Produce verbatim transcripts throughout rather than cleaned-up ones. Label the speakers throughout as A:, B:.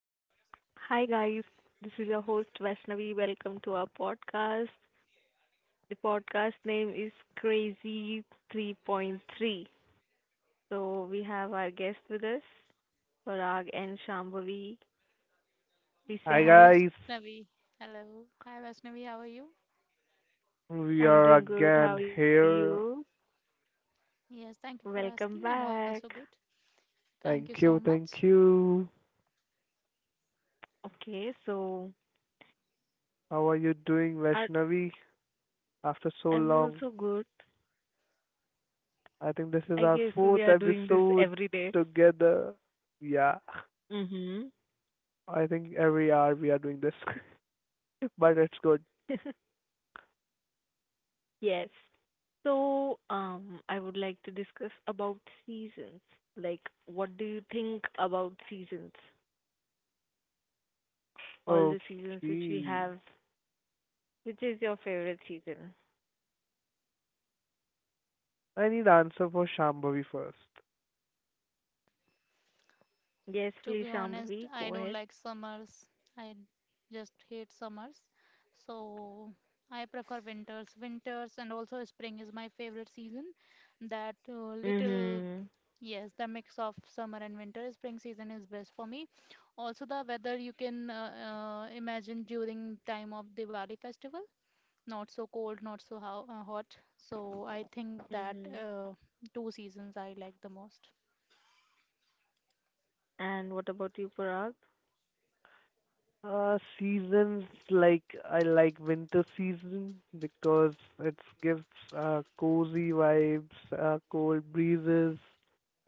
A: Hi guys, this is your host Vaishnavi. Welcome to our podcast. The podcast name is Crazy three point three. So we have our guest with us, Parag and Shambhavi. Please say
B: Hi
C: Hi
A: hi.
B: guys,
C: Vaishnavi. Hello. Hi Vaishnavi, how are you?
B: we
A: I'm
B: are
A: doing good. How
B: again
A: are you?
B: here.
C: Yes, thank you for
A: Welcome
C: asking. I'm also
A: back.
C: good. Thank you so
B: Thank you,
C: much.
B: thank you.
A: Okay, so
B: How are you doing,
A: I,
B: Vaishnavi? After so
A: I'm
B: long,
A: also good.
B: I
A: I
B: think this
A: guess
B: is our
A: we are
B: fourth
A: doing this every
B: episode
A: day.
B: together. Yeah,
A: Mm-hmm.
B: I think every hour we are doing this, but it's good.
A: Yes. So, um, I would like to discuss about seasons. Like, what do you think about seasons? All the seasons which we
B: Okay,
A: have. Which is your favorite season?
B: I need answer for Shambhavi first.
A: Yes,
C: To
A: please,
C: be honest,
A: Shambhavi,
C: I
A: go
C: don't
A: ahead.
C: like summers. I just hate summers. So I prefer winters. Winters and also spring is my favorite season. That uh, little,
A: Mhm.
C: yes, the mix of summer and winter. Spring season is best for me. Also, the weather you can uh, uh, imagine during time of Diwali festival. Not so cold, not so ho- uh, hot. So I think that
A: Mhm.
C: uh, two seasons I like the most.
A: And what about you, Parag?
B: Uh, seasons like I like winter season because it gives uh, cozy vibes, uh, cold breezes,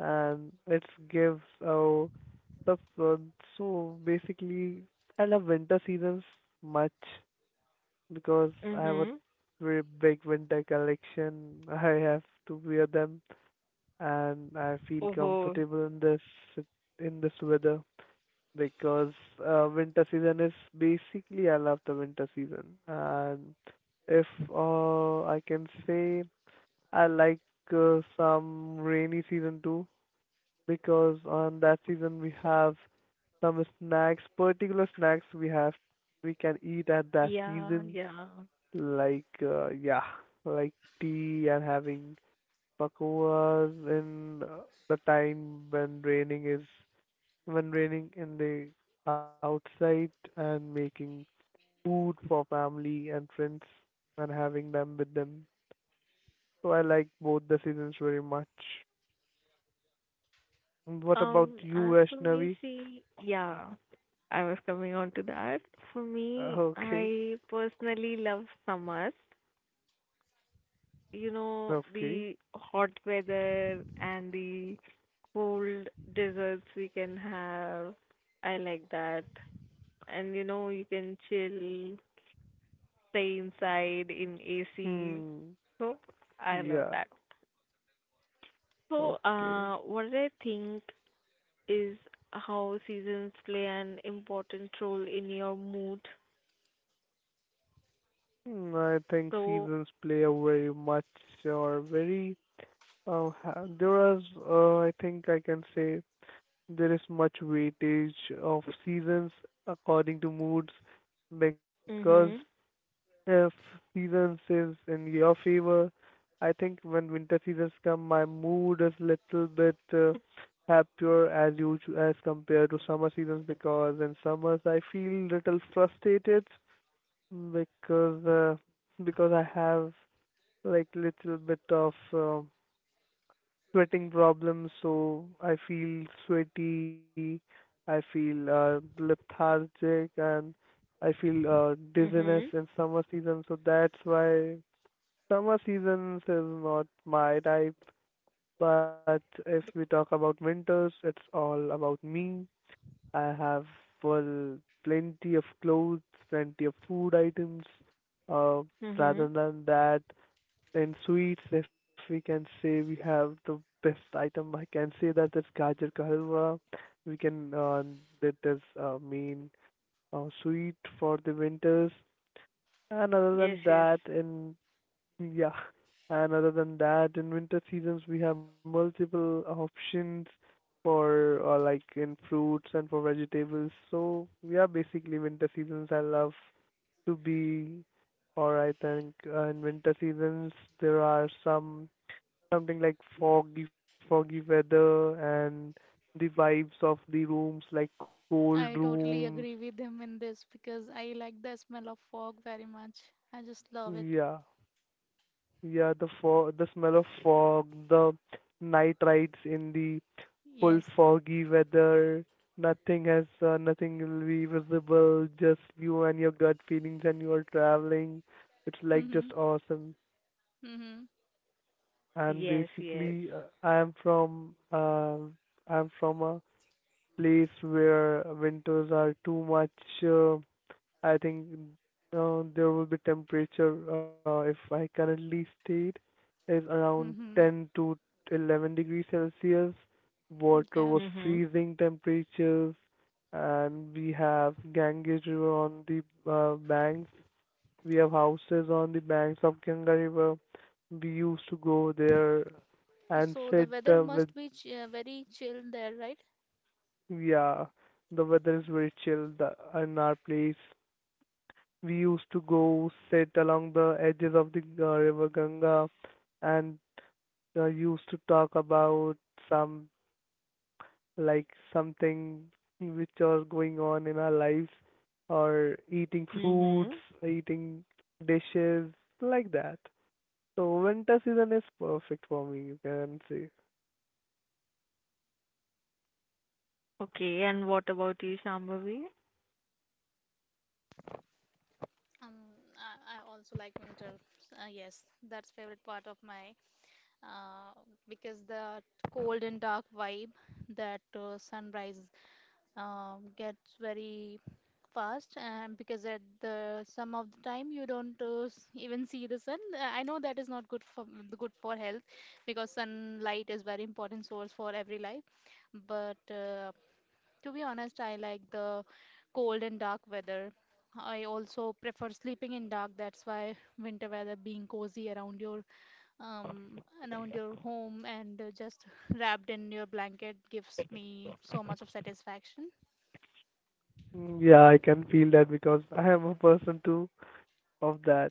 B: and it gives uh, stuff. Uh, so basically, I love winter seasons much because I have a
A: Mhm.
B: very big winter collection. I have to wear them, and I feel
A: Oh,
B: comfortable in this in this weather because uh, winter season is basically I love the winter season. And if uh, I can say I like uh, some rainy season too because on that season we have some snacks, particular snacks we have we can eat at that
A: Yeah,
B: season
A: yeah.
B: like uh, yeah, like tea and having pakoras in uh, the time when raining is when raining in the outside and making food for family and friends and having them with them. So I like both the seasons very much. And what about
A: Um,
B: you,
A: as for me,
B: Vaishnavi?
A: see, yeah, I was coming on to that. For
B: Uh,
A: me,
B: Okay,
A: I personally love summers. you know,
B: okay.
A: the hot weather and the cold desserts we can have. I like that. And you know, you can chill, stay inside in A C.
B: Hmm.
A: So I love
B: Yeah.
A: that. So,
B: Okay.
A: uh, what I think is how seasons play an important role in your mood.
B: Hmm, I think
A: So,
B: seasons play a very much or very uh, ha- there was uh, I think I can say there is much weightage of seasons according to moods because
A: mhm,
B: if seasons is in your favor, I think when winter seasons come, my mood is little bit uh, happier as usual as compared to summer seasons because in summers I feel little frustrated because uh, because I have like little bit of um sweating problems, so I feel sweaty, I feel uh, lethargic, and I feel uh, dizziness
A: mhm,
B: in summer season. So that's why summer seasons is not my type. But if we talk about winters, it's all about me. I have full plenty of clothes, plenty of food items. Uh, Rather
A: mhm.
B: than that, in sweets, if we can say we have the best item, I can say that is gajar ka halwa. We can uh, That is uh, main uh, sweet for the winters. And other
A: Yes,
B: than
A: yes,
B: that, in Yeah, and other than that, in winter seasons we have multiple options for uh, like in fruits and for vegetables. So yeah, basically winter seasons I love to be or I think uh, in winter seasons there are some something like foggy, foggy weather and the vibes of the rooms, like cold
C: I
B: rooms.
C: totally agree with him in this because I like the smell of fog very much. I just love it.
B: Yeah, yeah, the fog, the smell of fog, the night rides in the full
C: Yes.
B: foggy weather. Nothing has, uh, nothing will be visible. Just you and your gut feelings, and you are traveling. It's like just
C: Mhm.
B: awesome.
C: Mhm.
B: And
A: yes, yes.
B: basically, uh, I am from, uh, I am from a place where winters are too much. Uh, I think uh, there will be temperature uh, if I currently stayed is around
C: Mhm.
B: ten to eleven degrees Celsius. Water
C: Yeah.
B: was
A: Mhm,
B: freezing temperatures, and we have Ganges River on the uh, banks. We have houses on the banks of Ganga River. We used to go there and
C: So the
B: sit
C: weather
B: uh, with
C: must be ch- uh, very chill there, right?
B: yeah, the weather is very chill. The, in our place, we used to go sit along the edges of the uh, river Ganga and uh, used to talk about some like something which are going on in our lives or eating foods,
A: mhm.
B: eating dishes like that. So winter season is perfect for me, you can say.
A: Okay, and what about you, Shambhavi?
C: Um, I, I also like winter. Uh, yes, that's favorite part of my, uh, because the cold and dark vibe, that uh, sunrise um, gets very fast, and because at the some of the time you don't uh, s- even see the sun. Uh, I know that is not good for good for health, because sunlight is very important source for every life, but uh, to be honest, I like the cold and dark weather. I also prefer sleeping in dark. That's why winter weather, being cozy around your, um around your home, and uh, just wrapped in your blanket, gives me so much of satisfaction.
B: Mm, yeah, I can feel that because I am a person too of that.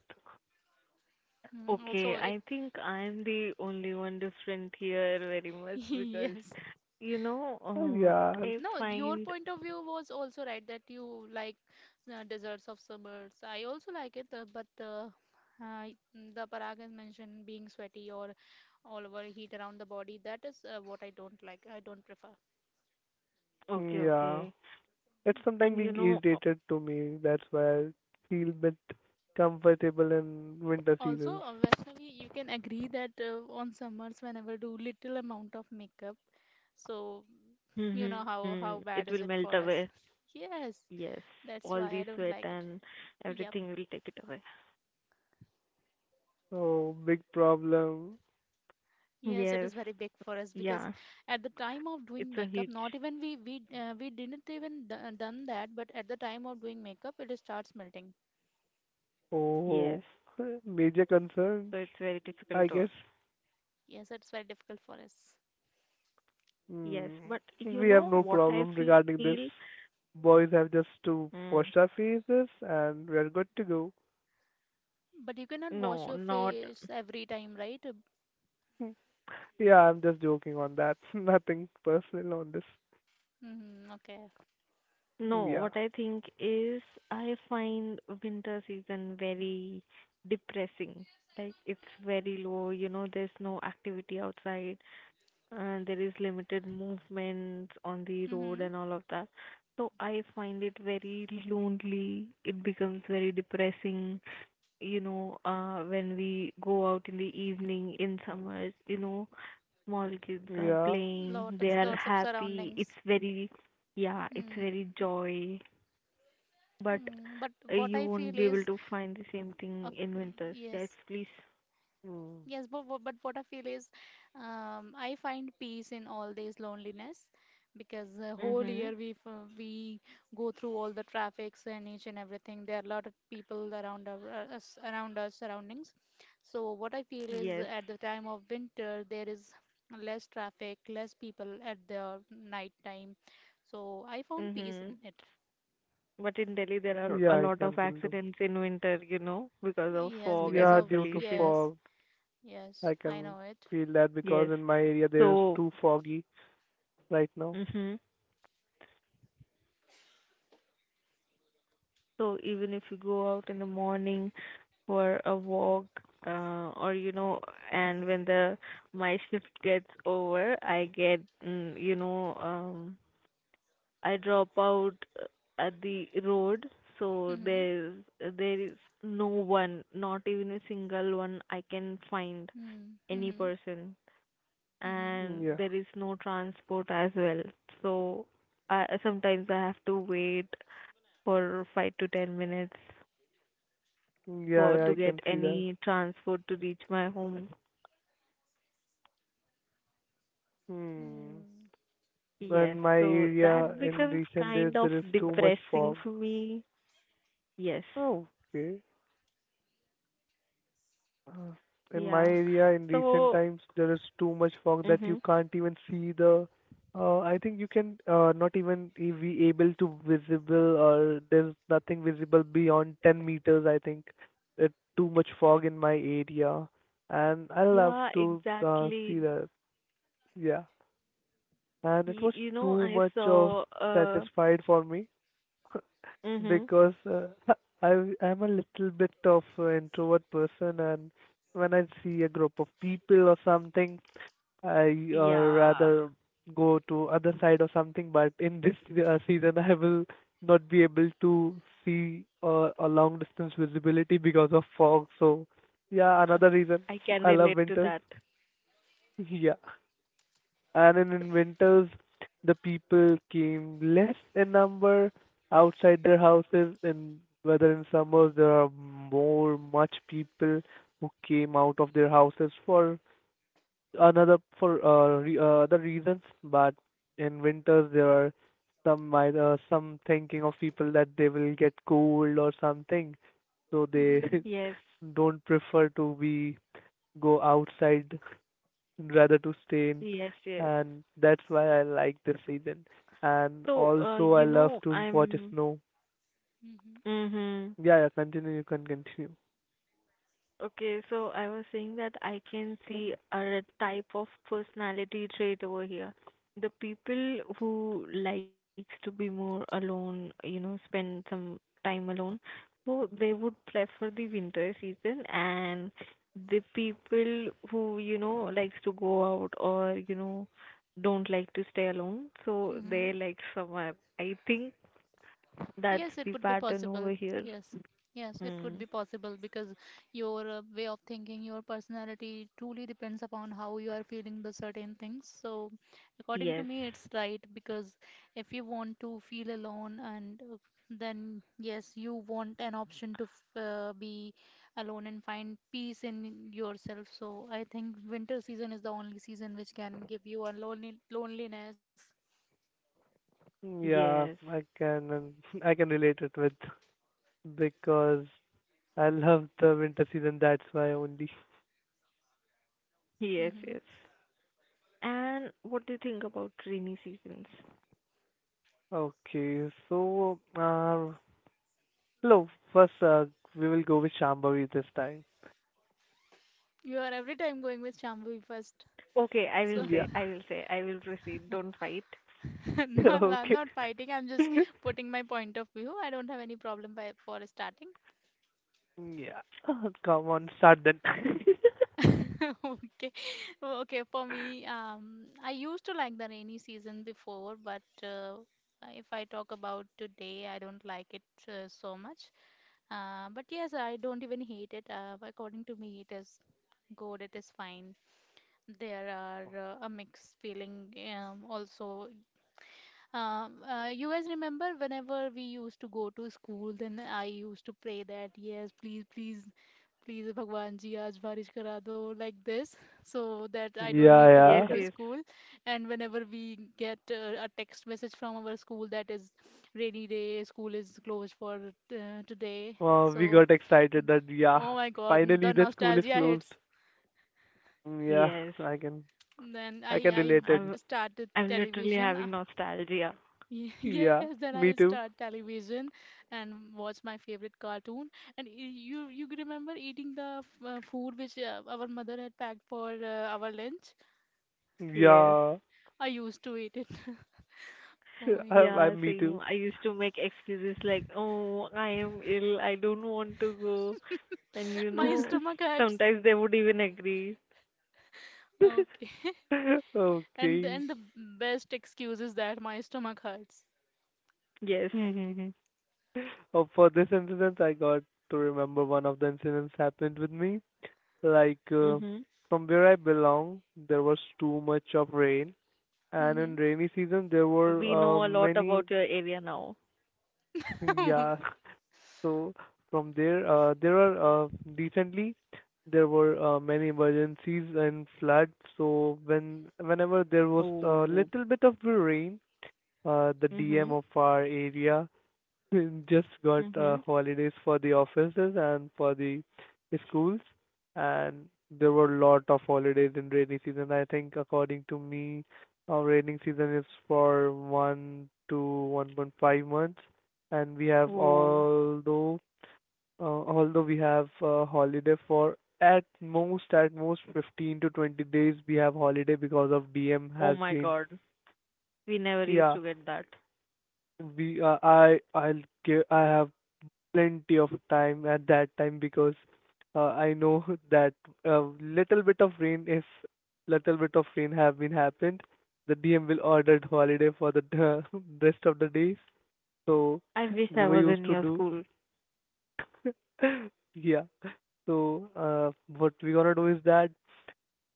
C: Mm.
A: Okay,
C: Also, it
A: I think I'm the only one different here very much because,
C: yes.
A: you know,
B: Uh,
A: uh,
B: Yeah,
A: I
C: No, your
A: find
C: point of view was also right that you like uh, deserts of summers. I also like it, uh, but uh, uh, the Parag has mentioned being sweaty or all over heat around the body. That is uh, what I don't like. I don't prefer.
B: yeah,
A: okay, okay,
B: it's sometimes being
A: and you know,
B: irritated
A: uh,
B: to me. That's why I feel bit comfortable in winter
C: Also,
B: seasons.
C: uh, Vaishnavi, you can agree that uh, on summers, whenever do little amount of makeup, so you know how how
A: mm-hmm,
C: bad
A: it
C: is
A: will
C: it
A: melt
C: for us?
A: away.
C: Yes,
A: Yes,
C: that's
A: all
C: why I
A: the
C: don't
A: sweat
C: like it.
A: and
C: Yep.
A: everything will take it away.
B: Oh, big problem.
C: Yes, it is very
A: Yes,
C: big for us, because
A: yeah,
C: at the time of doing
A: it's
C: makeup,
A: a
C: not
A: huge
C: even we we uh, we didn't even d uh, done that, but at the time of doing makeup, it starts melting.
A: yes,
B: Oh, major concerns.
A: so it's very
B: I
A: difficult to
B: guess
A: us.
C: Yes, it's very difficult for us.
B: mm,
A: Yes, but
B: we
A: you
B: have no
A: know what
B: problem
A: I
B: regarding
A: feel?
B: this. Boys have just to
A: Mm,
B: wash our faces and we are good to go.
C: But you cannot wash
A: no,
C: your
A: not.
C: face every time, right?
B: Yeah, I'm just joking on that. Nothing personal on this.
C: Mm-hmm, okay.
A: No,
B: Yeah,
A: what I think is I find winter season very depressing. Like it's very low, you know, there's no activity outside and there is limited movement on the road
C: Mm-hmm.
A: and all of that. So I find it very lonely. It becomes very depressing, you know, uh, when we go out in the evening in summers, you know, small kids are
B: yeah,
A: playing, they
C: Lots
A: are
C: lots of
A: happy.
C: surroundings.
A: It's very, yeah, it's
C: Mm-hmm.
A: very joy but
C: Mm. But
A: uh,
C: what
A: you
C: I
A: won't
C: feel
A: be able
C: is,
A: to find the same
C: uh,
A: thing in winters. Yes,
C: yes.
A: please.
B: mm,
C: Yes, but, wha- but what I feel is, um, I find peace in all this loneliness, because the whole
A: Mhm.
C: year we f- we go through all the traffics and each and everything. There are a lot of people around our, uh, us, around our surroundings. So what I feel is
A: Yes.
C: at the time of winter there is less traffic, less people at the night time. So I found peace in
A: Mhm.
C: it.
A: But in Delhi, there are
B: yeah.
A: a
B: I
A: lot
B: can
A: of
B: feel
A: accidents in winter, you know, because of
C: Yes,
A: fog
C: because
A: and
B: Yeah,
A: the
C: of,
B: due to
A: pollution.
C: yes,
B: fog,
C: yes,
B: I
C: I
B: can
C: know it.
B: feel that
A: Yes.
B: because in my area there is
A: So,
B: too foggy right now.
A: mhm. So even if you go out in the morning for a walk, uh, or you know, and when the my shift gets over, I get, mm, you know, um, I drop out uh, at the road, so
C: Mm-hmm.
A: there there is no one, not even a single one I can find
C: Mm-hmm.
A: any
C: Mm-hmm.
A: person,
C: Mm-hmm.
B: Mm,
A: and
B: yeah,
A: there is no transport as well. So I sometimes I have to wait for five to ten minutes
B: mm, yeah,
A: for
B: yeah,
A: to
C: Yeah.
B: I
A: get
B: can see that.
A: any transport to reach my home.
B: Hmm.
C: Mm.
A: Yes,
B: In my
A: so
B: area
A: that
B: in
A: becomes
B: recent days
A: kind of
B: there is too much
A: depressing
B: fog.
A: for me. Yes,
B: Oh, okay. Uh, in my
A: yeah.
B: area in recent
A: So,
B: times there is too much fog that you
A: mhm.
B: can't even see the uh, I think you can uh, not even e- be able to visible or there's nothing visible beyond ten meters. I think it too much fog in my area, and I love
A: Yeah,
B: to uh, see
A: exactly.
B: that. Yeah, and it
A: Y
B: was
A: You know,
B: too
A: I
B: much of
A: saw, uh,
B: satisfied for me
A: Mm-hmm.
B: because uh, I I'm a little bit of an introvert person, and when I see a group of people or something, I uh,
A: Yeah,
B: rather go to other side or something. But in this uh, season, I will not be able to see uh, a long distance visibility because of fog. So yeah,
A: uh,
B: another reason
A: I can
B: I love
A: relate to
B: winters.
A: that.
B: Yeah, and in, in winters the people came less in number outside their houses and whether in summers there are more much people who came out of their houses for another for uh, re- uh, other reasons, but in winters there are some might uh, some thinking of people that they will get cold or something, so they
C: Mhm.
A: Yes,
B: don't prefer to be go outside rather to stay in,
A: yes, yes.
B: and that's why I like this season. And
A: So, uh,
B: also, I
A: you
B: love
A: know,
B: to watch
A: I'm,
B: snow.
C: Mhm.
A: Mm-hmm.
B: Yeah, yeah, continue. You can continue.
A: Okay, so I was saying that I can see a type of personality trait over here. The people who likes to be more alone, you know, spend some time alone, so they would prefer the winter season and the people who, you know, likes to go out or, you know, don't like to stay alone, so they
C: Mhm.
A: like summer. I think
C: Yes,
A: that's
C: it could
A: the
C: be
A: pattern
C: possible.
A: over here.
C: Yes. Yes, it could be
A: Mm.
C: possible, because your uh, way of thinking, your personality truly depends upon how you are feeling the certain things. So, according to
A: Yes.
C: me, it's right, because if you want to feel alone, and uh, then yes, you want an option to f- uh, be alone and find peace in yourself. So, I think winter season is the only season which can give you a lonely loneliness.
B: Yeah,
A: Yes.
B: I can. um, I can relate it with because I love the winter season. That's why only.
A: Yes,
C: Hmm.
A: yes. And what do you think about rainy seasons?
B: Okay, so uh, hello. First, uh, we will go with Shambhavi this time.
C: You are every time going with Shambhavi first.
A: Okay, I will
C: So,
B: Yeah.
A: say, I will say, I will proceed. Don't fight.
C: no, I'm
B: Okay.
C: not fighting. I'm just putting my point of view. I don't have any problem by, for starting.
B: Yeah. Come on, start then.
C: Okay. Okay, for me, um, I used to like the rainy season before, but uh, if I talk about today, I don't like it uh, so much. Uh, but yes, I don't even hate it. Uh, according to me, it is good, it is fine. There are uh, a mixed feeling. Um, also, Um, uh, you guys remember, whenever we used to go to school, then I used to pray that, yes, please, please, please, Bhagwan ji, aaj barish kara do, like this, so that I don't
B: Yeah,
C: need to
A: Yes,
C: go
B: yeah.
C: to
A: yes,
C: school. And whenever we get uh, a text message from our school that is rainy day, school is closed for uh, today.
B: Wow,
C: So,
B: we got excited that yeah,
C: oh my God, the
B: finally the school is
C: nostalgia hits.
B: closed. Mm, yeah,
A: yes.
B: I can
C: Then I
B: I can
C: I
B: relate it.
A: I'm,
C: started
A: I'm literally
C: television.
A: having nostalgia.
C: Ye- Yes,
B: Yeah,
C: then I
B: me
C: start
B: too.
C: television and watch my favorite cartoon. And y- you you remember eating the f- uh, food which uh, our mother had packed for uh, our lunch?
A: Yes.
B: Yeah,
C: I used to eat it. Oh my
B: i
C: God,
B: i
A: Yeah,
B: me
A: same.
B: too.
A: I used to make excuses like, oh, I am ill, I don't want to go. And you
C: my
A: know,
C: stomach hurts.
A: sometimes they would even agree.
C: Okay, and
B: Okay.
C: and the best excuse is that my stomach hurts.
A: Yes.
B: Mm-hmm. Oh, for this incident, I got to remember one of the incidents happened with me. Like, uh,
A: Mm-hmm.
B: from where I belong, there was too much of rain, and
C: Mm-hmm.
B: in rainy season there were
A: We
B: uh,
A: know a lot
B: many.
A: about your area now.
B: Yeah, so from there, uh, there are uh, recently there were uh, many emergencies and floods. So when whenever there was a
A: Oh.
B: little bit of rain, uh, the D M
A: Mm-hmm.
B: of our area just got
A: Mm-hmm.
B: uh, holidays for the offices and for the schools, and there were lot of holidays in rainy season. I think according to me, our rainy season is for one to one point five months, and we have
A: Oh.
B: although uh, although we have uh, holiday for at most at most fifteen to twenty days. We have holiday because of dm
A: Oh
B: has
A: my
B: been.
A: god. We never used
B: Yeah,
A: to get that.
B: we uh, I I'll give I have plenty of time at that time because uh, I know that a little bit of rain if little bit of rain have been happened, the dm will order holiday for the rest of the days. So
A: I wish
B: we
A: I
B: were
A: was in
B: used to
A: your
B: do.
A: school.
B: Yeah. So uh, what we're gonna do is that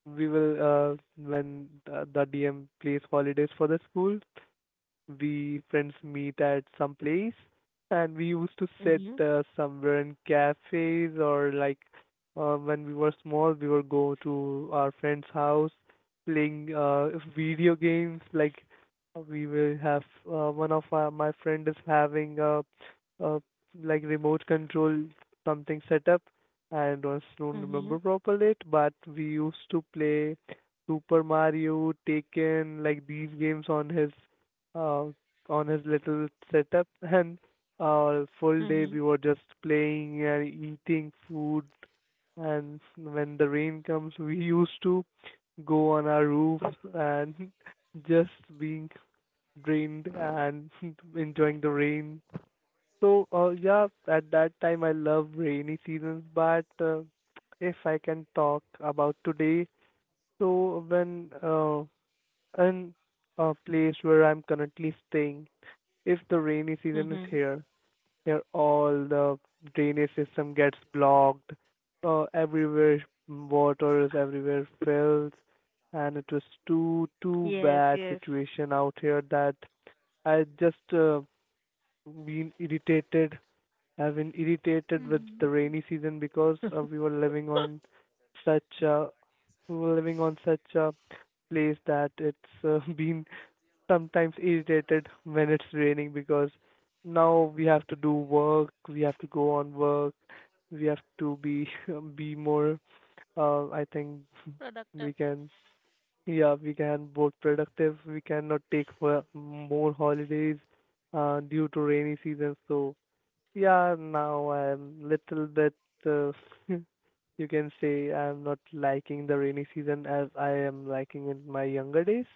B: we will uh, when the, the D M plays holidays for the school, we friends meet at some place, and we used to sit
A: Mhm.
B: uh, somewhere in cafes or like, uh, when we were small, we would go to our friend's house playing uh, video games. Like, we will have uh, one of our, my friend is having a, a like remote control something set up. I don't don't
A: Mhm.
B: remember properly it, but we used to play Super Mario, Taken, like these games on his uh on his little setup and uh full day
A: Mhm.
B: we were just playing and eating food. And when the rain comes, we used to go on our roof and just being drained and enjoying the rain. So, uh, yeah, at that time I love rainy seasons, but uh, if I can talk about today, so when uh, in a place where I'm currently staying, if the rainy season is
A: Mhm.
B: here, here all the drainage system gets blocked, uh, everywhere water is everywhere fills, and it was too too
A: Yes,
B: bad
A: yes.
B: situation out here that I just uh, been irritated I've been irritated with
C: Mm-hmm.
B: the
C: Mm-hmm.
B: rainy season because uh, we were living on such a we were living on such a place that it's uh, been sometimes irritated when it's raining because now we have to do work, we have to go on work, we have to be be more. Uh, I think
C: Productive.
B: we can Yeah, we can both productive. We cannot take for more holidays uh, due to rainy season. So yeah, now I'm little bit, uh, you can say I'm not liking the rainy season as I am liking in my younger days.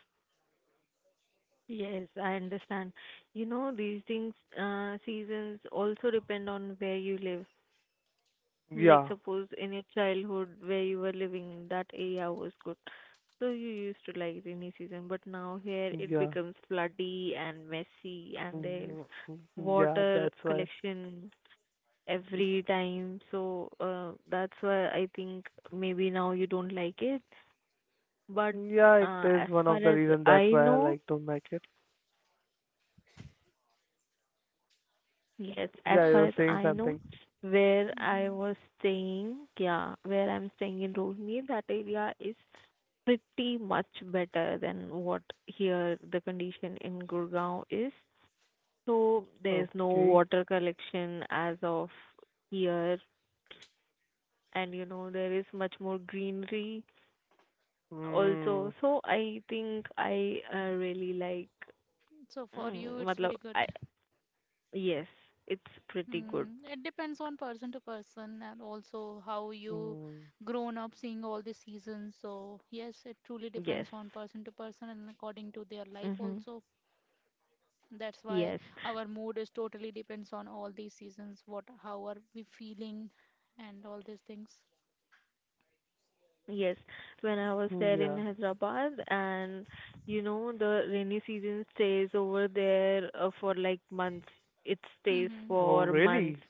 A: Yes, I understand. You know, these things, uh, seasons also depend on where you live. Like,
B: Yeah,
A: suppose in your childhood where you were living, that area was good. So you used to like rainy season, but now here it
B: yeah,
A: becomes floody and messy, and there's
B: mm, yeah,
A: water
B: that's why.
A: collection every time. So uh, that's why I think maybe now you don't like it. But
B: Yeah, it
A: uh, as
B: is one
A: far
B: of the
A: as
B: reason that's
A: I
B: why I
A: know,
B: like don't like it.
A: yes, as
B: Yeah, you
A: far
C: But
B: were
A: as
B: saying
A: I know,
B: something.
A: where I
C: Mm-hmm.
A: was staying, yeah, where I'm staying in Rohini, that area is pretty much better than what here the condition in Gurgaon is. So there's no
B: Okay.
A: water collection as of here, and you know there is much more greenery also.
B: Mm,
A: So I think I uh, really like,
C: So for you,
A: mm,
C: it's
A: matlab,
C: very
A: I
C: good.
A: yes, it's pretty good.
C: Hmm, it depends on person to person, and also how you
B: mm,
C: grown up seeing all the seasons. So yes, it truly
A: Yes.
C: depends on person to person, and according to their life
A: Mm-hmm.
C: also. That's why
A: Yes.
C: our mood is totally depends on all these seasons, what how are we feeling, and all these things.
A: Yes. When I was
B: mm,
A: there in
B: yeah.
A: Hyderabad and you know the rainy season stays over there uh, for like months. It stays
C: Mm-hmm.
B: Oh,
A: for months.
B: really?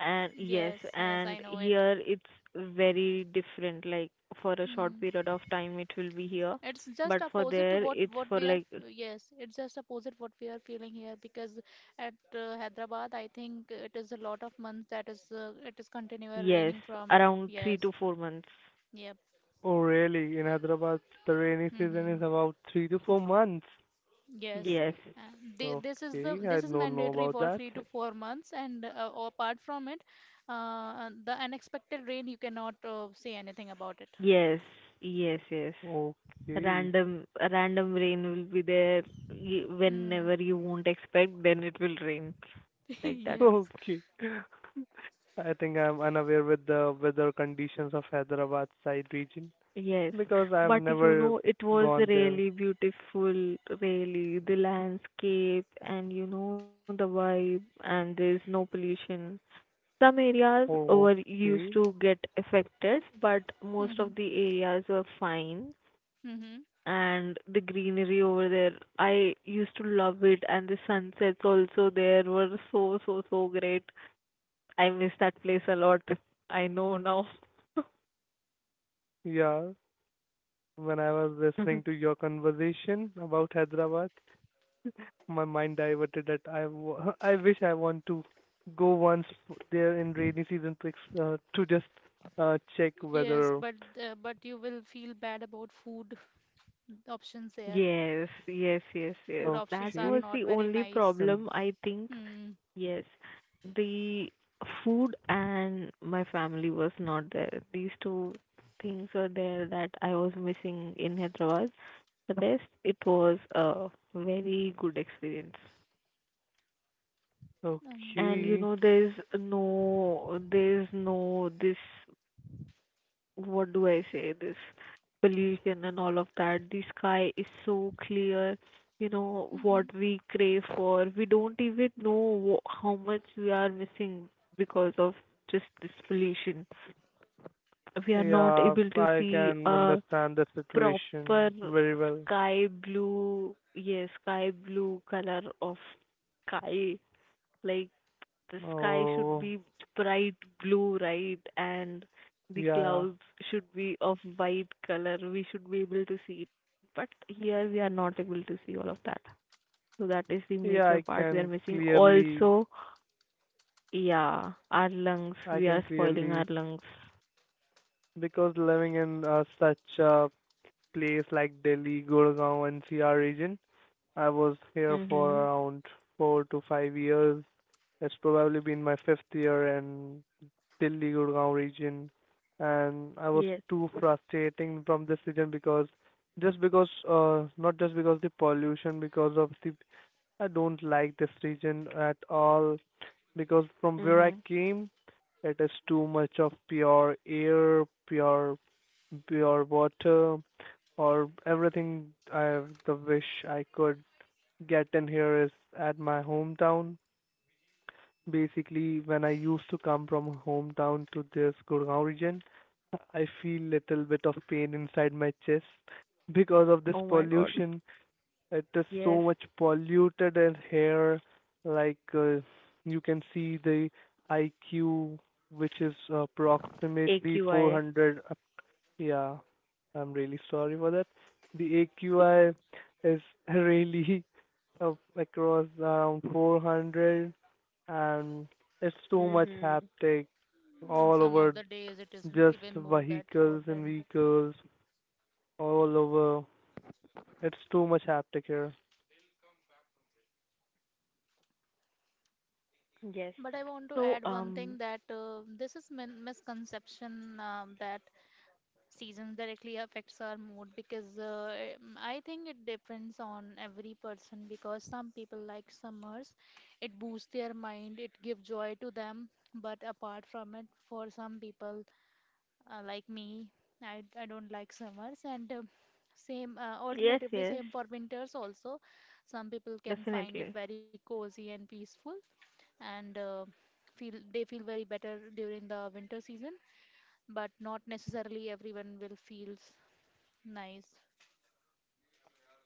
A: And yes,
C: Yes, yes, I
A: and
C: know it.
A: here it's very different. Like for a short
C: Hmm.
A: period of time it will be here,
C: It's just
A: but for
C: opposite to
A: there
C: what
A: it's
C: what
A: for
C: we are.
A: like
C: f- Yes, it's just opposite what we are feeling here, because at uh, Hyderabad, I think it is a lot of months that is uh, it is continuous
A: yes,
C: raining from.
A: around three
C: Yes.
A: to four months.
C: Yep.
B: Oh, really? In Hyderabad, the rainy season is
C: Mm-hmm.
B: about three to four months.
C: Yes.
A: Yes,
C: Uh, thi- this is the
B: Okay, I
C: this is
B: don't know
C: mandatory
B: about
C: for
B: that.
C: three to four months, and uh, apart from it, uh, the unexpected rain you cannot uh, say anything about it.
A: yes, yes, yes.
B: Okay.
A: Random, random rain will be there y-
C: Hmm.
A: whenever you won't expect, then it will rain like that.
C: Yes.
B: Okay. I think I'm unaware with the weather conditions of Hyderabad side region
A: Yes,
B: because I've
A: but you
B: never
A: know, it was
B: gone there.
A: really beautiful, really, the landscape and you know, the vibe, and there's no pollution. Some areas
B: Oh,
A: were used
B: okay.
A: to get affected, but most
C: Mm-hmm.
A: of the areas were fine.
C: Mm-hmm.
A: And the greenery over there. I used to love it, and the sunsets also there were so, so, so great. I miss that place a lot. I know now.
B: Yeah. When I was listening to your conversation about Hyderabad, my mind diverted that I w- I wish I want to go once f- there in rainy season to ex- uh, to just uh, check
C: Yes,
B: weather.
C: but uh, but you will feel bad about food. The options there.
A: Yes, yes, yes, yes.
C: Food options
A: That
C: are
B: Okay.
A: was the
C: not very
A: only
C: nice.
B: And
A: problem, I think.
C: Hmm.
A: Yes, the food and my family was not there. These two things were there that I was missing in Hyderabad. The rest, it was a very good experience. And you
C: Okay.
B: okay.
A: know there's no, there's no this, what do I say, this pollution and all of that. The sky is so clear. You know
C: Mhm.
A: what we crave for, we don't even know wh- how much we are missing because of just this pollution. We are not
B: Yeah,
A: able to
B: I
A: see
B: can
A: a
B: understand the
A: proper
B: situation very well.
A: sky blue, yes, sky blue color of sky, like the sky should
B: Oh,
A: be bright blue, right? And the
B: yeah.
A: clouds should be of white color. We should be able to see it. But here we are not able to see all of that. So that is the major
B: Yeah, I
A: part we are
B: can
A: missing.
B: clearly,
A: Also, yeah, our lungs.
B: I
A: We
B: can
A: are spoiling
B: clearly,
A: our lungs.
B: because living in uh, such a place like Delhi, Gurgaon, N C R region, I was here for
A: Mm-hmm.
B: around four to five years. It's probably been my fifth year, and Delhi Gurgaon region, and I was
A: Yes.
B: too frustrating from this region because just because uh not just because the pollution, because of the, I don't like this region at all because from where I
A: Mm-hmm.
B: came, it is too much of pure air, pure pure water or everything I the wish I could get in here is at my hometown. Basically, when I used to come from hometown to this Gurgaon region, I feel little bit of pain inside my chest because of this
A: Oh my God.
B: pollution. It is so
A: Yes.
B: much polluted in here. Like uh, you can see the I Q, which is approximately
A: A Q I.
B: four hundred. Up- Yeah, I'm really sorry for that. The A Q I is really uh, across around four hundred and it's too much
A: Mm-hmm.
B: haptic
C: And
B: all
C: some of
B: over,
C: the days it is m-
B: just
C: even more that
B: vehicles and
C: four hundred.
B: vehicles all over. It's too much haptic here.
A: Yes.
C: But I want to
A: So,
C: add one thing
A: um,
C: that uh, this is min misconception, um, that seasons directly affects our mood, because uh, em, I think it depends on every person, because some people like summers, it boosts their mind, it gives joy to them. But apart from it, for some people, uh, like me, I, I don't like summers, and uh, same, uh,
A: yes,
C: alternatively
A: yes,
C: same for winters also, some people can find it
A: definitely.
C: very cozy and peaceful, and uh, feel they feel very better during the winter season, but not necessarily everyone will feels nice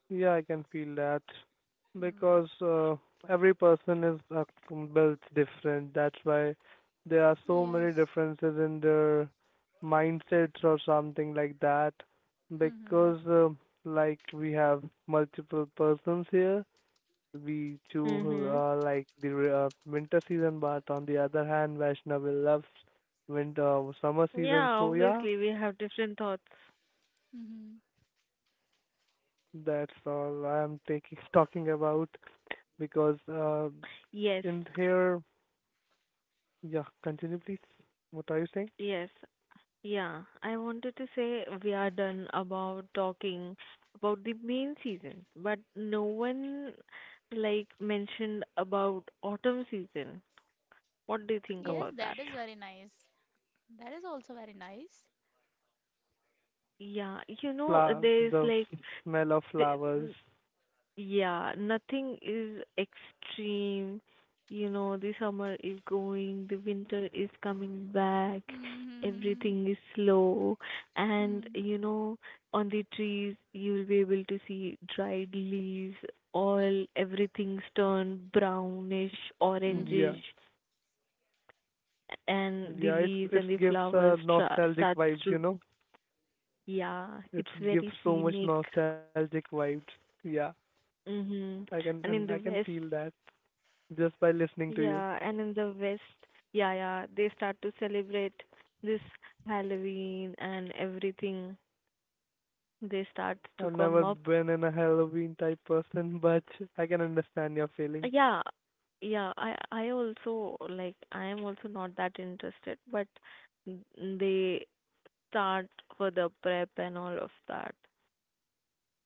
B: Yeah, I can feel that because
C: mm.
B: uh, every person is uh, built different. That's why there are so many
C: Yes.
B: differences in their mindsets or something like that.
C: Mm-hmm.
B: Because uh, like we have multiple persons here, we choose
A: Mm-hmm.
B: uh, like the re- uh, winter season, but on the other hand, Vaishnavi loves winter summer season.
A: Yeah,
B: So yeah,
A: obviously we have different thoughts.
C: Mm-hmm.
B: that's all I am taking talking about because uh,
A: Yes,
B: in here, yeah, continue please. What are you saying?
A: yes, yeah. I wanted to say we are done about talking about the main season, but no one like mentioned about autumn season. What do you think
C: Yes,
A: about
B: Okay.
A: that?
C: that is very nice. That is also very nice.
A: Yeah, you know,
B: fla-
A: there's
B: the
A: like,
B: smell of
A: th-
B: flowers.
A: Yeah, nothing is extreme. You know, the summer is going, the winter is coming back,
C: Mm-hmm.
A: everything is slow, and
C: Mm-hmm.
A: you know, on the trees you will be able to see dried leaves, all everything's turned brownish,
B: Yeah,
A: orangish,
C: Mm-hmm.
A: and the
B: yeah, it's
A: leaves
B: it
A: and the
B: gives uh,
A: flowers tra-
B: nostalgic
A: starts
B: vibes, you
A: to,
B: know.
A: yeah,
B: It
A: it's
B: gives
A: very
B: so much
A: scenic.
B: nostalgic vibes. Yeah,
A: Mm-hmm.
B: I can,
A: And
B: and
A: in
B: I
A: the
B: can
A: West,
B: feel that, just by listening
A: yeah,
B: to
A: and
B: you.
A: in the West, yeah, yeah, they start to celebrate this Halloween and everything. They start to
B: I've
A: come
B: never
A: up.
B: been in a Halloween type person, but I can understand your feeling.
A: Yeah, yeah, I I also like I am also not that interested, but n- they start for the prep and all of that.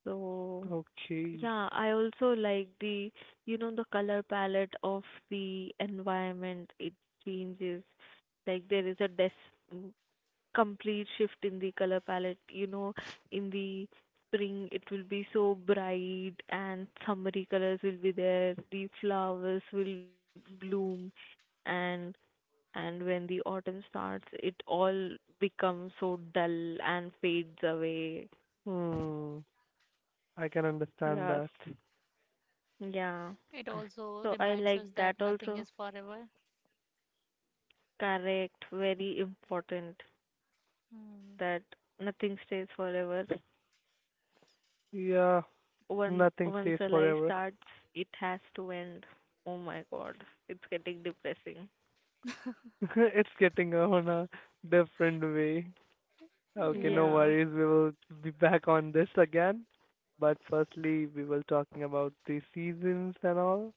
A: So
B: Okay.
A: yeah, I also like the, you know, the color palette of the environment. It changes. Like there is a des complete shift in the color palette. You know, in the spring it will be so bright and summery colors will be there. The flowers will bloom, and and when the autumn starts it all becomes so dull and fades away.
B: Hmm. I can understand
A: Yes.
B: that.
A: Yeah.
C: It also
A: So I
C: reminds us
A: like
C: that
A: that
C: nothing
A: also.
C: is forever.
A: Correct. Very important
C: Hmm.
A: that nothing stays forever.
B: Yeah,
A: once
B: nothing
A: once
B: stays
A: a life
B: forever.
A: starts, it has to end. Oh my god, it's getting depressing.
B: It's getting on a different way. Okay,
C: Yeah.
B: no
A: Yeah,
B: worries. We will be back on this again. But firstly, we were talking about the seasons and all.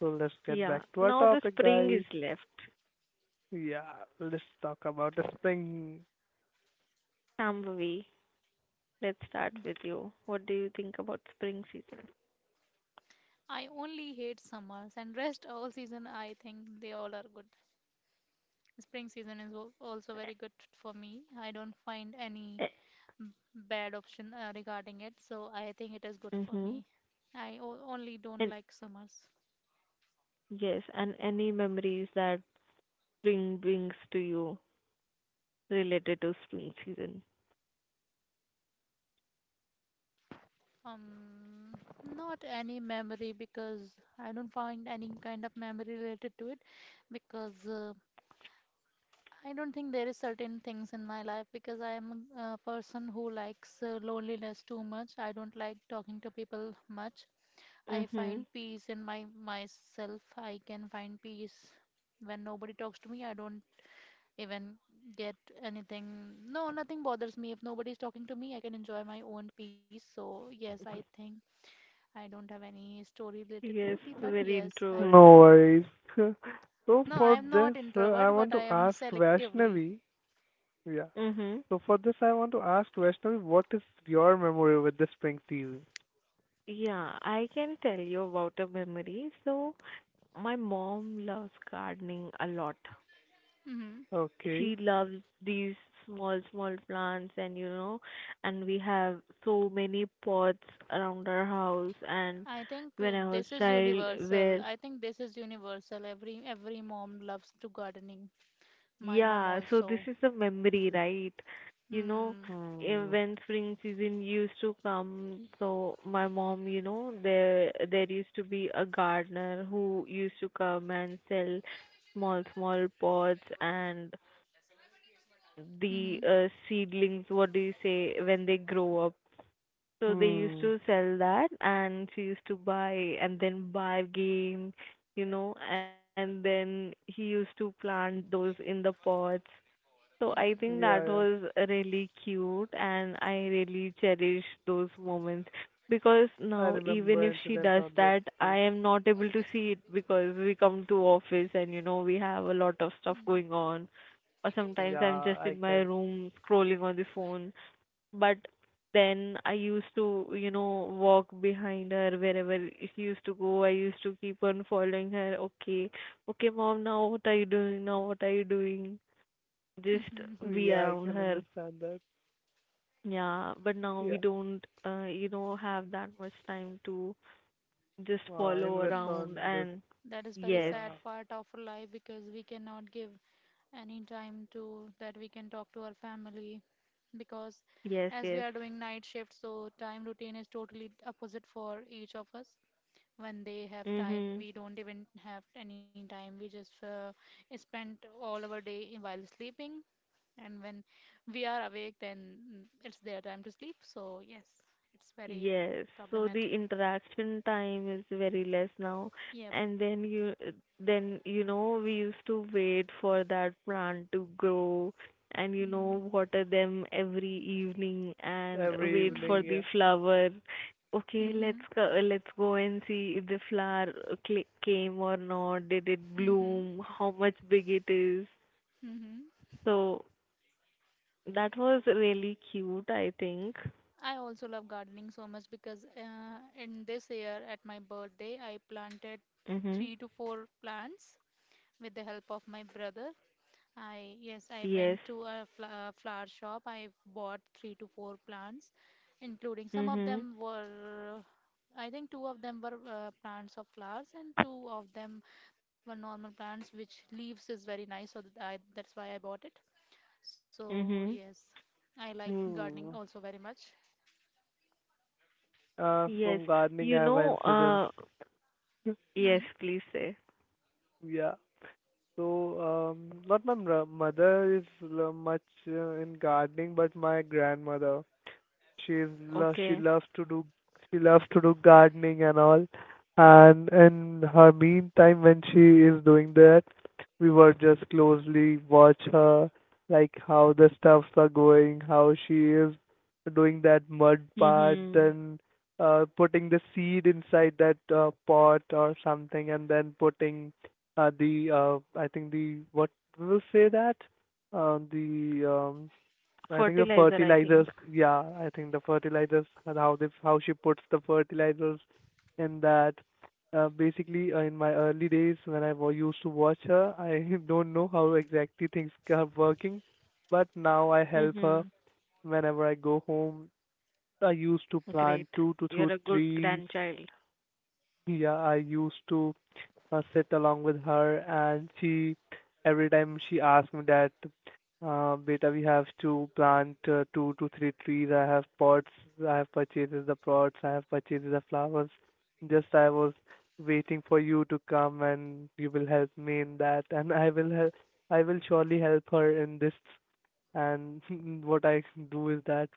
B: So let's get
A: yeah.
B: back to our
A: Now the
B: topic,
A: spring
B: guys.
A: is left.
B: Yeah, let's talk about the spring.
A: Shambhavi, let's start with you. What do you think about spring season?
C: I only hate summers and rest all season. I think they all are good. Spring season is al- also very good for me. I don't find any m- bad option uh, regarding it, so I think it is good for
A: Mm-hmm.
C: me. I o- only don't
A: And
C: like summers.
A: yes, and any memories that spring brings to you related to spring season?
C: Um, Not any memory, because I don't find any kind of memory related to it, because uh, I don't think there is certain things in my life, because I am a uh, person who likes uh, loneliness too much. I don't like talking to people much. I
A: Mm-hmm.
C: find peace in my myself. I can find peace when nobody talks to me. I don't even get anything. No, nothing bothers me. If nobody is talking to me, I can enjoy my own peace. So yes, I think I don't have any story related to it.
A: Yes,
C: But
A: very
C: yes, I,
A: introvert.
B: No worries. So
C: no, I
B: for
C: am
B: this,
C: not
B: uh, I
C: introvert,
B: want
C: but I
B: to
C: am
B: ask
C: selectively.
B: Vaishnavi. Yeah.
A: Mm-hmm.
B: So for this, I want to ask Vaishnavi, what is your memory with the Spring T V?
A: Yeah, I can tell you about a memory. So, my mom loves gardening a lot.
C: Hmm.
A: She
B: Okay.
A: loves these small, small plants, and you know, and we have so many pots around our house. And
C: I think
A: when
C: uh,
A: I was
C: this is
A: child,
C: universal.
A: where
C: I think this is universal. Every every mom loves to gardening. My mom
A: yeah, so this
C: also.
A: is a memory, right? You know,
C: Hmm.
A: eh,
B: Hmm.
A: when spring season used to come, so my mom, you know, there there used to be a gardener who used to come and sell small, small pots and
C: Mm-hmm.
A: the uh, seedlings, what do you say, when they grow up. So they used
B: Hmm.
A: to sell that, and she used to buy and then bargain, you know, and then he used to plant those in the pots. So I think
B: Yeah,
A: that
B: yeah.
A: was really cute and I really cherish those moments because
B: I
A: now even
B: remember
A: if she
B: incidents
A: does
B: on this
A: that, I
B: too.
A: am not able to see it because we come to office and you know we have a lot of stuff
C: Mm-hmm.
A: going on or sometimes I'm
B: Yeah,
A: just
B: I
A: in my
B: can.
A: room scrolling on the phone. But then I used to, you know, walk behind her wherever she used to go. I used to keep on following her. Okay, okay, mom, now what are you doing? Now what are you doing? Just
C: Mm-hmm.
A: be
B: Yeah, I
A: around
B: can
A: her.
B: understand that.
A: Yeah, but now we
B: Yeah.
A: don't, uh, you know, have that much time to just
B: Uh,
A: follow
B: invest
C: Yes,
B: on
A: around
B: this.
A: and
C: that is very
A: yes,
C: sad
B: Yeah.
C: part of our life, because we cannot give any time to that we can talk to our family, because
A: yes,
C: as we
A: yes.
C: are doing night shift, so time routine is totally opposite for each of us. When they have time
A: Mm-hmm.
C: we don't even have any time, we just uh, spend all our day in while sleeping, and when we are awake, then mm, it's their time to sleep, so yes, it's very
A: Yes, so the
C: problematic.
A: interaction time is very less now,
C: Yep.
A: and then you then you know we used to wait for that plant to grow and you
C: Mm-hmm.
A: know water them every evening and
B: Every
A: wait for
B: evening.
C: Mm-hmm.
B: Yeah.
A: the flower. Okay, let's go, let's go and see if the flower cl- came or not. Did it
C: Mm-hmm.
A: bloom? How much big it is?
C: Mm-hmm.
A: So that was really cute, I think.
C: I also love gardening so much, because uh, in this year at my birthday I planted
A: Mhm.
C: three to four plants with the help of my brother. I yes, I
A: Yes.
C: went to a fl uh, flower shop. I bought three to four plants, including some of
A: Mhm.
C: them were, I think two of them were uh, plants of flowers, and two of them were normal plants, which leaves is very nice. So that I, that's why I bought it. So
A: Mhm.
C: yes, I like gardening
B: Hmm.
C: also very much.
B: Uh,
A: Yes,
B: from gardening,
A: you
B: I have
A: know,
B: incidents.
A: uh, yes,
C: Mm-hmm.
A: please say.
B: Yeah. So, um, not my mra- mother is l- much uh, in gardening, but my grandmother, she's lo- she
A: Okay.
B: loves to do, she loves to do gardening and all, and in her meantime when she is doing that, we were just closely watch her, like how the stuffs are going, how she is doing that mud part,
A: Mm-hmm.
B: then uh, putting the seed inside that uh, pot or something, and then putting uh, the uh, I think the, what will say that, uh, the um I think the
A: Fertilizer, I
B: fertilizers,
A: think.
B: yeah, I think the fertilizers, and how they how she puts the fertilizers in that. Uh, basically, uh, in my early days when I wa- used to watch her, I don't know how exactly things are working, but now I help her
A: Mm-hmm.
B: whenever I go home. I used to
A: Great.
B: plant two to two
A: You're a good
B: trees.
A: grandchild.
B: Yeah, I used to uh, sit along with her, and she every time she asks me that, uh, beta, we have to plant uh, two to three trees. I have pots. I have purchased the pots. I have purchased the flowers. Just I was waiting for you to come, and you will help me in that, and I will help. I will surely help her in this. And what I do is that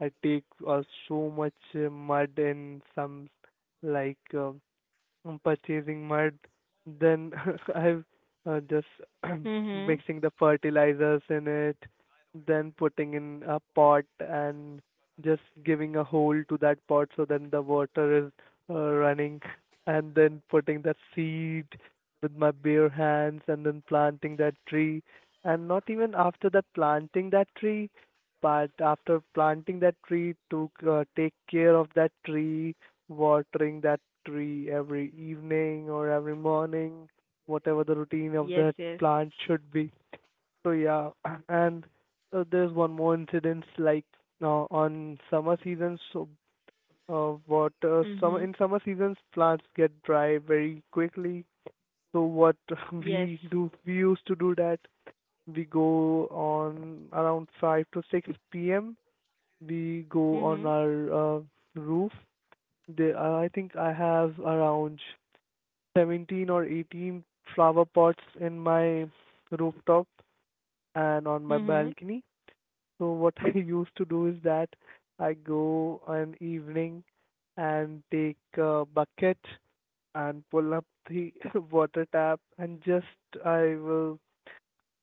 B: I take uh, so much uh, mud in some, like um um, purchasing mud, then I've uh, just
A: Mm-hmm.
B: mixing the fertilizers in it, then putting in a pot and just giving a hole to that pot so then the water is uh, running, and then putting that seed with my bare hands and then planting that tree. And not even after that planting that tree, but after planting that tree to uh, take care of that tree, watering that tree every evening or every morning, whatever the routine of
A: Yes,
B: that
A: yes.
B: plant should be. So yeah, and uh, there's one more incidence like uh, on summer seasons. So uh, what uh, summer
A: Mm-hmm.
B: in summer seasons plants get dry very quickly. So what
A: Yes.
B: we do we used to do that we go on around five to six p m. We go on
A: Mm-hmm.
B: our uh, roof. they, uh, I think I have around seventeen or eighteen flower pots in my rooftop and on my
A: Mm-hmm.
B: balcony. So what I used to do is that I go an evening and take a bucket and pull up the water tap, and just I will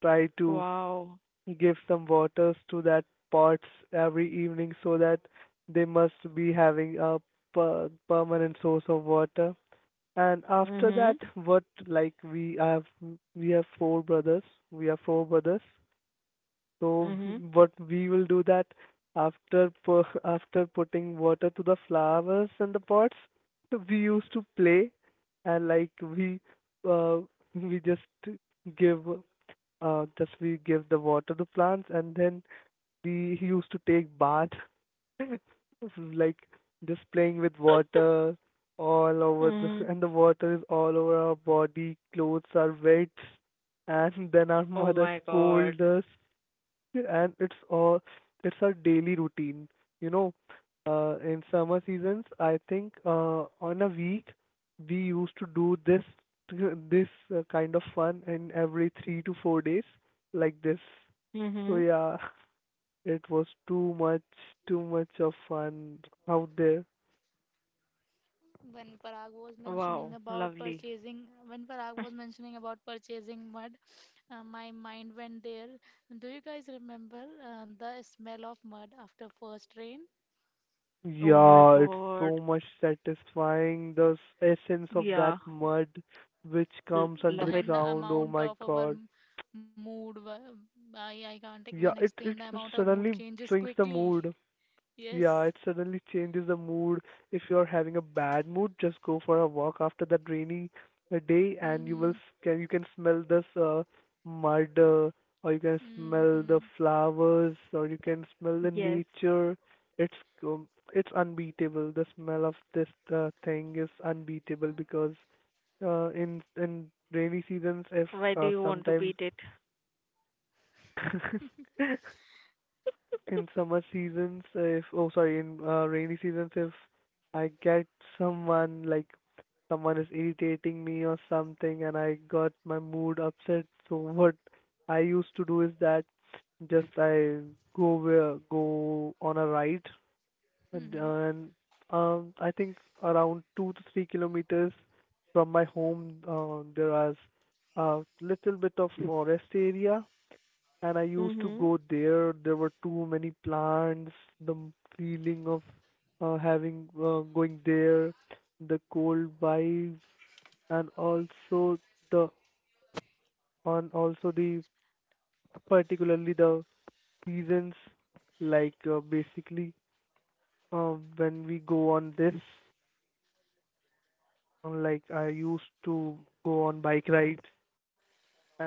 B: try to
A: Wow.
B: give some waters to that pots every evening so that they must be having a per- permanent source of water. And after that,
A: Mm-hmm.
B: what, like we have, we have four brothers. We are four brothers. So
A: Mm-hmm.
B: what we will do that after pu- after putting water to the flowers in the pots, we used to play, and like we uh, we just give uh, just we give the water to plants, and then we used to take bath like just playing with water all over the
A: Mm-hmm.
B: and the water is all over our body, clothes are wet, and then our
A: Oh
B: mother
A: my God.
B: scolds us, and it's all, it's our daily routine. You know, uh, in summer seasons, I think uh, on a week we used to do this this uh, kind of fun in every three to four days like this. So
A: Mm-hmm.
B: yeah, it was too much, too much of fun out there.
C: When Parag was mentioning
A: Wow.
C: about
A: Lovely.
C: purchasing, when Parag was mentioning about purchasing mud, uh, my mind went there. Do you guys remember uh, the smell of mud after first rain.
A: Oh my
B: Yeah, it's
A: God.
B: so much satisfying. The s- essence of that
A: Yeah.
B: mud which
A: L
B: comes under
C: The-
B: the
A: love
C: and the
A: it.
B: ground. Oh
C: amount
B: my
C: of our
B: God.
C: m- mood? wa- I, I can't even
B: Yeah, it
C: explain the
B: it
C: amount of mood
B: suddenly
C: changes
B: swings the
C: quickly.
B: mood. Yeah,
C: Yes.
B: it suddenly changes the mood. If you're having a bad mood, just go for a walk after that rainy uh, day, and you will
C: Mm-hmm.
B: s- can you can smell this uh, mud, uh, or you can smell the
C: Mm-hmm.
B: flowers, or you can smell the
A: Yes.
B: nature. It's um, it's unbeatable. The smell of this uh, thing is unbeatable because uh, in in rainy seasons, if
A: Why do
B: uh,
A: you want to
B: sometimes
A: beat it?
B: in summer seasons if oh sorry in uh, rainy seasons if I get someone, like someone is irritating me or something and I got my mood upset, so what I used to do is that just I go where, go on a ride, and,
C: Mm-hmm.
B: and um I think around two to three kilometers from my home, uh, there is a little bit of forest area and I used to
A: Mhm.
B: go there. There were too many plants, the m- feeling of uh, having uh, going there, the cold vibes, and also the, on also the particularly the seasons like uh, basically uh, when we go on this uh, like I used to go on bike rides and all.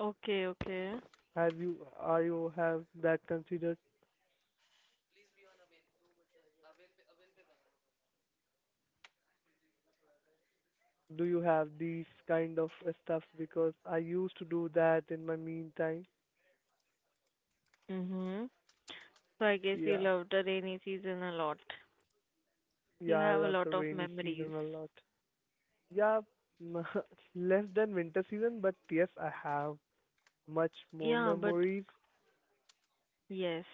A: Okay, okay.
B: Have you are you have that considered? Do you have these kind of uh, stuff? Because I used to do that in my meantime.
A: Mhm. So I guess you
B: Yeah,
A: love the rainy season a lot. You
B: yeah, I
A: have a
B: love the
A: lot of
B: rainy season
A: memories.
B: a lot. Yeah, m- less than winter season, but yes, I have much more
A: Yeah, but
B: memories.
A: yes.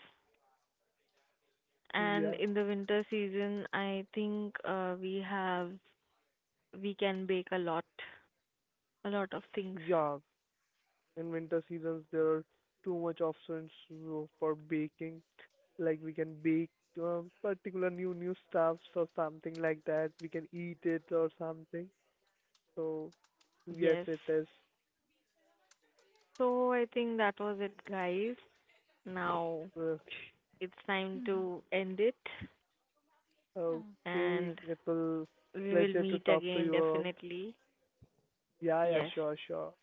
A: And
B: Yeah,
A: in the winter season, I think uh, we have we can bake a lot, a lot of things.
B: yeah. In winter seasons, there are too much options uh, for baking. Like we can bake um, particular new new stuffs or something like that. We can eat it or something. So yes,
A: Yes.
B: it is.
A: So I think that was it, guys. Now
B: uh,
A: it's time
C: Mm-hmm.
A: to end it,
C: Uh,
B: Okay,
A: and
B: it will
A: we will
B: pleasure to
A: meet
B: talk to
A: again
B: you out.
A: definitely.
B: Yeah, yeah,
A: Yes.
B: sure, sure.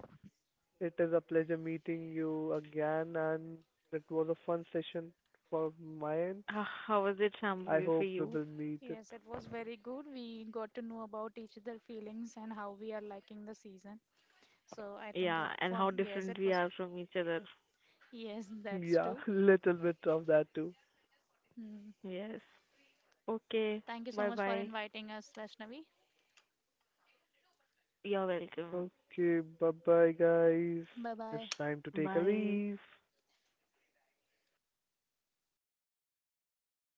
B: It is a pleasure meeting you again, and it was a fun session for my end.
A: H- How was it,
B: I
A: Shambhavi, for
B: hope we
A: you?
B: will meet it.
C: Yes, it was very good. We got to know about each other feelings and how we are liking the season. So I think uh,
A: Yeah, and
C: for
A: how
C: yes,
A: different
C: it
A: we
C: was
A: are from each other.
C: yes, that's
B: Yeah,
C: true.
B: little bit of that too.
C: Hmm.
A: Yes. Okay.
C: Thank you so
A: Bye
C: much for
A: bye.
C: inviting us, Vaishnavi.
A: You're welcome.
B: Okay, bye bye, guys.
C: Bye
B: It's
C: bye.
B: time to take a
A: Bye.
B: leave.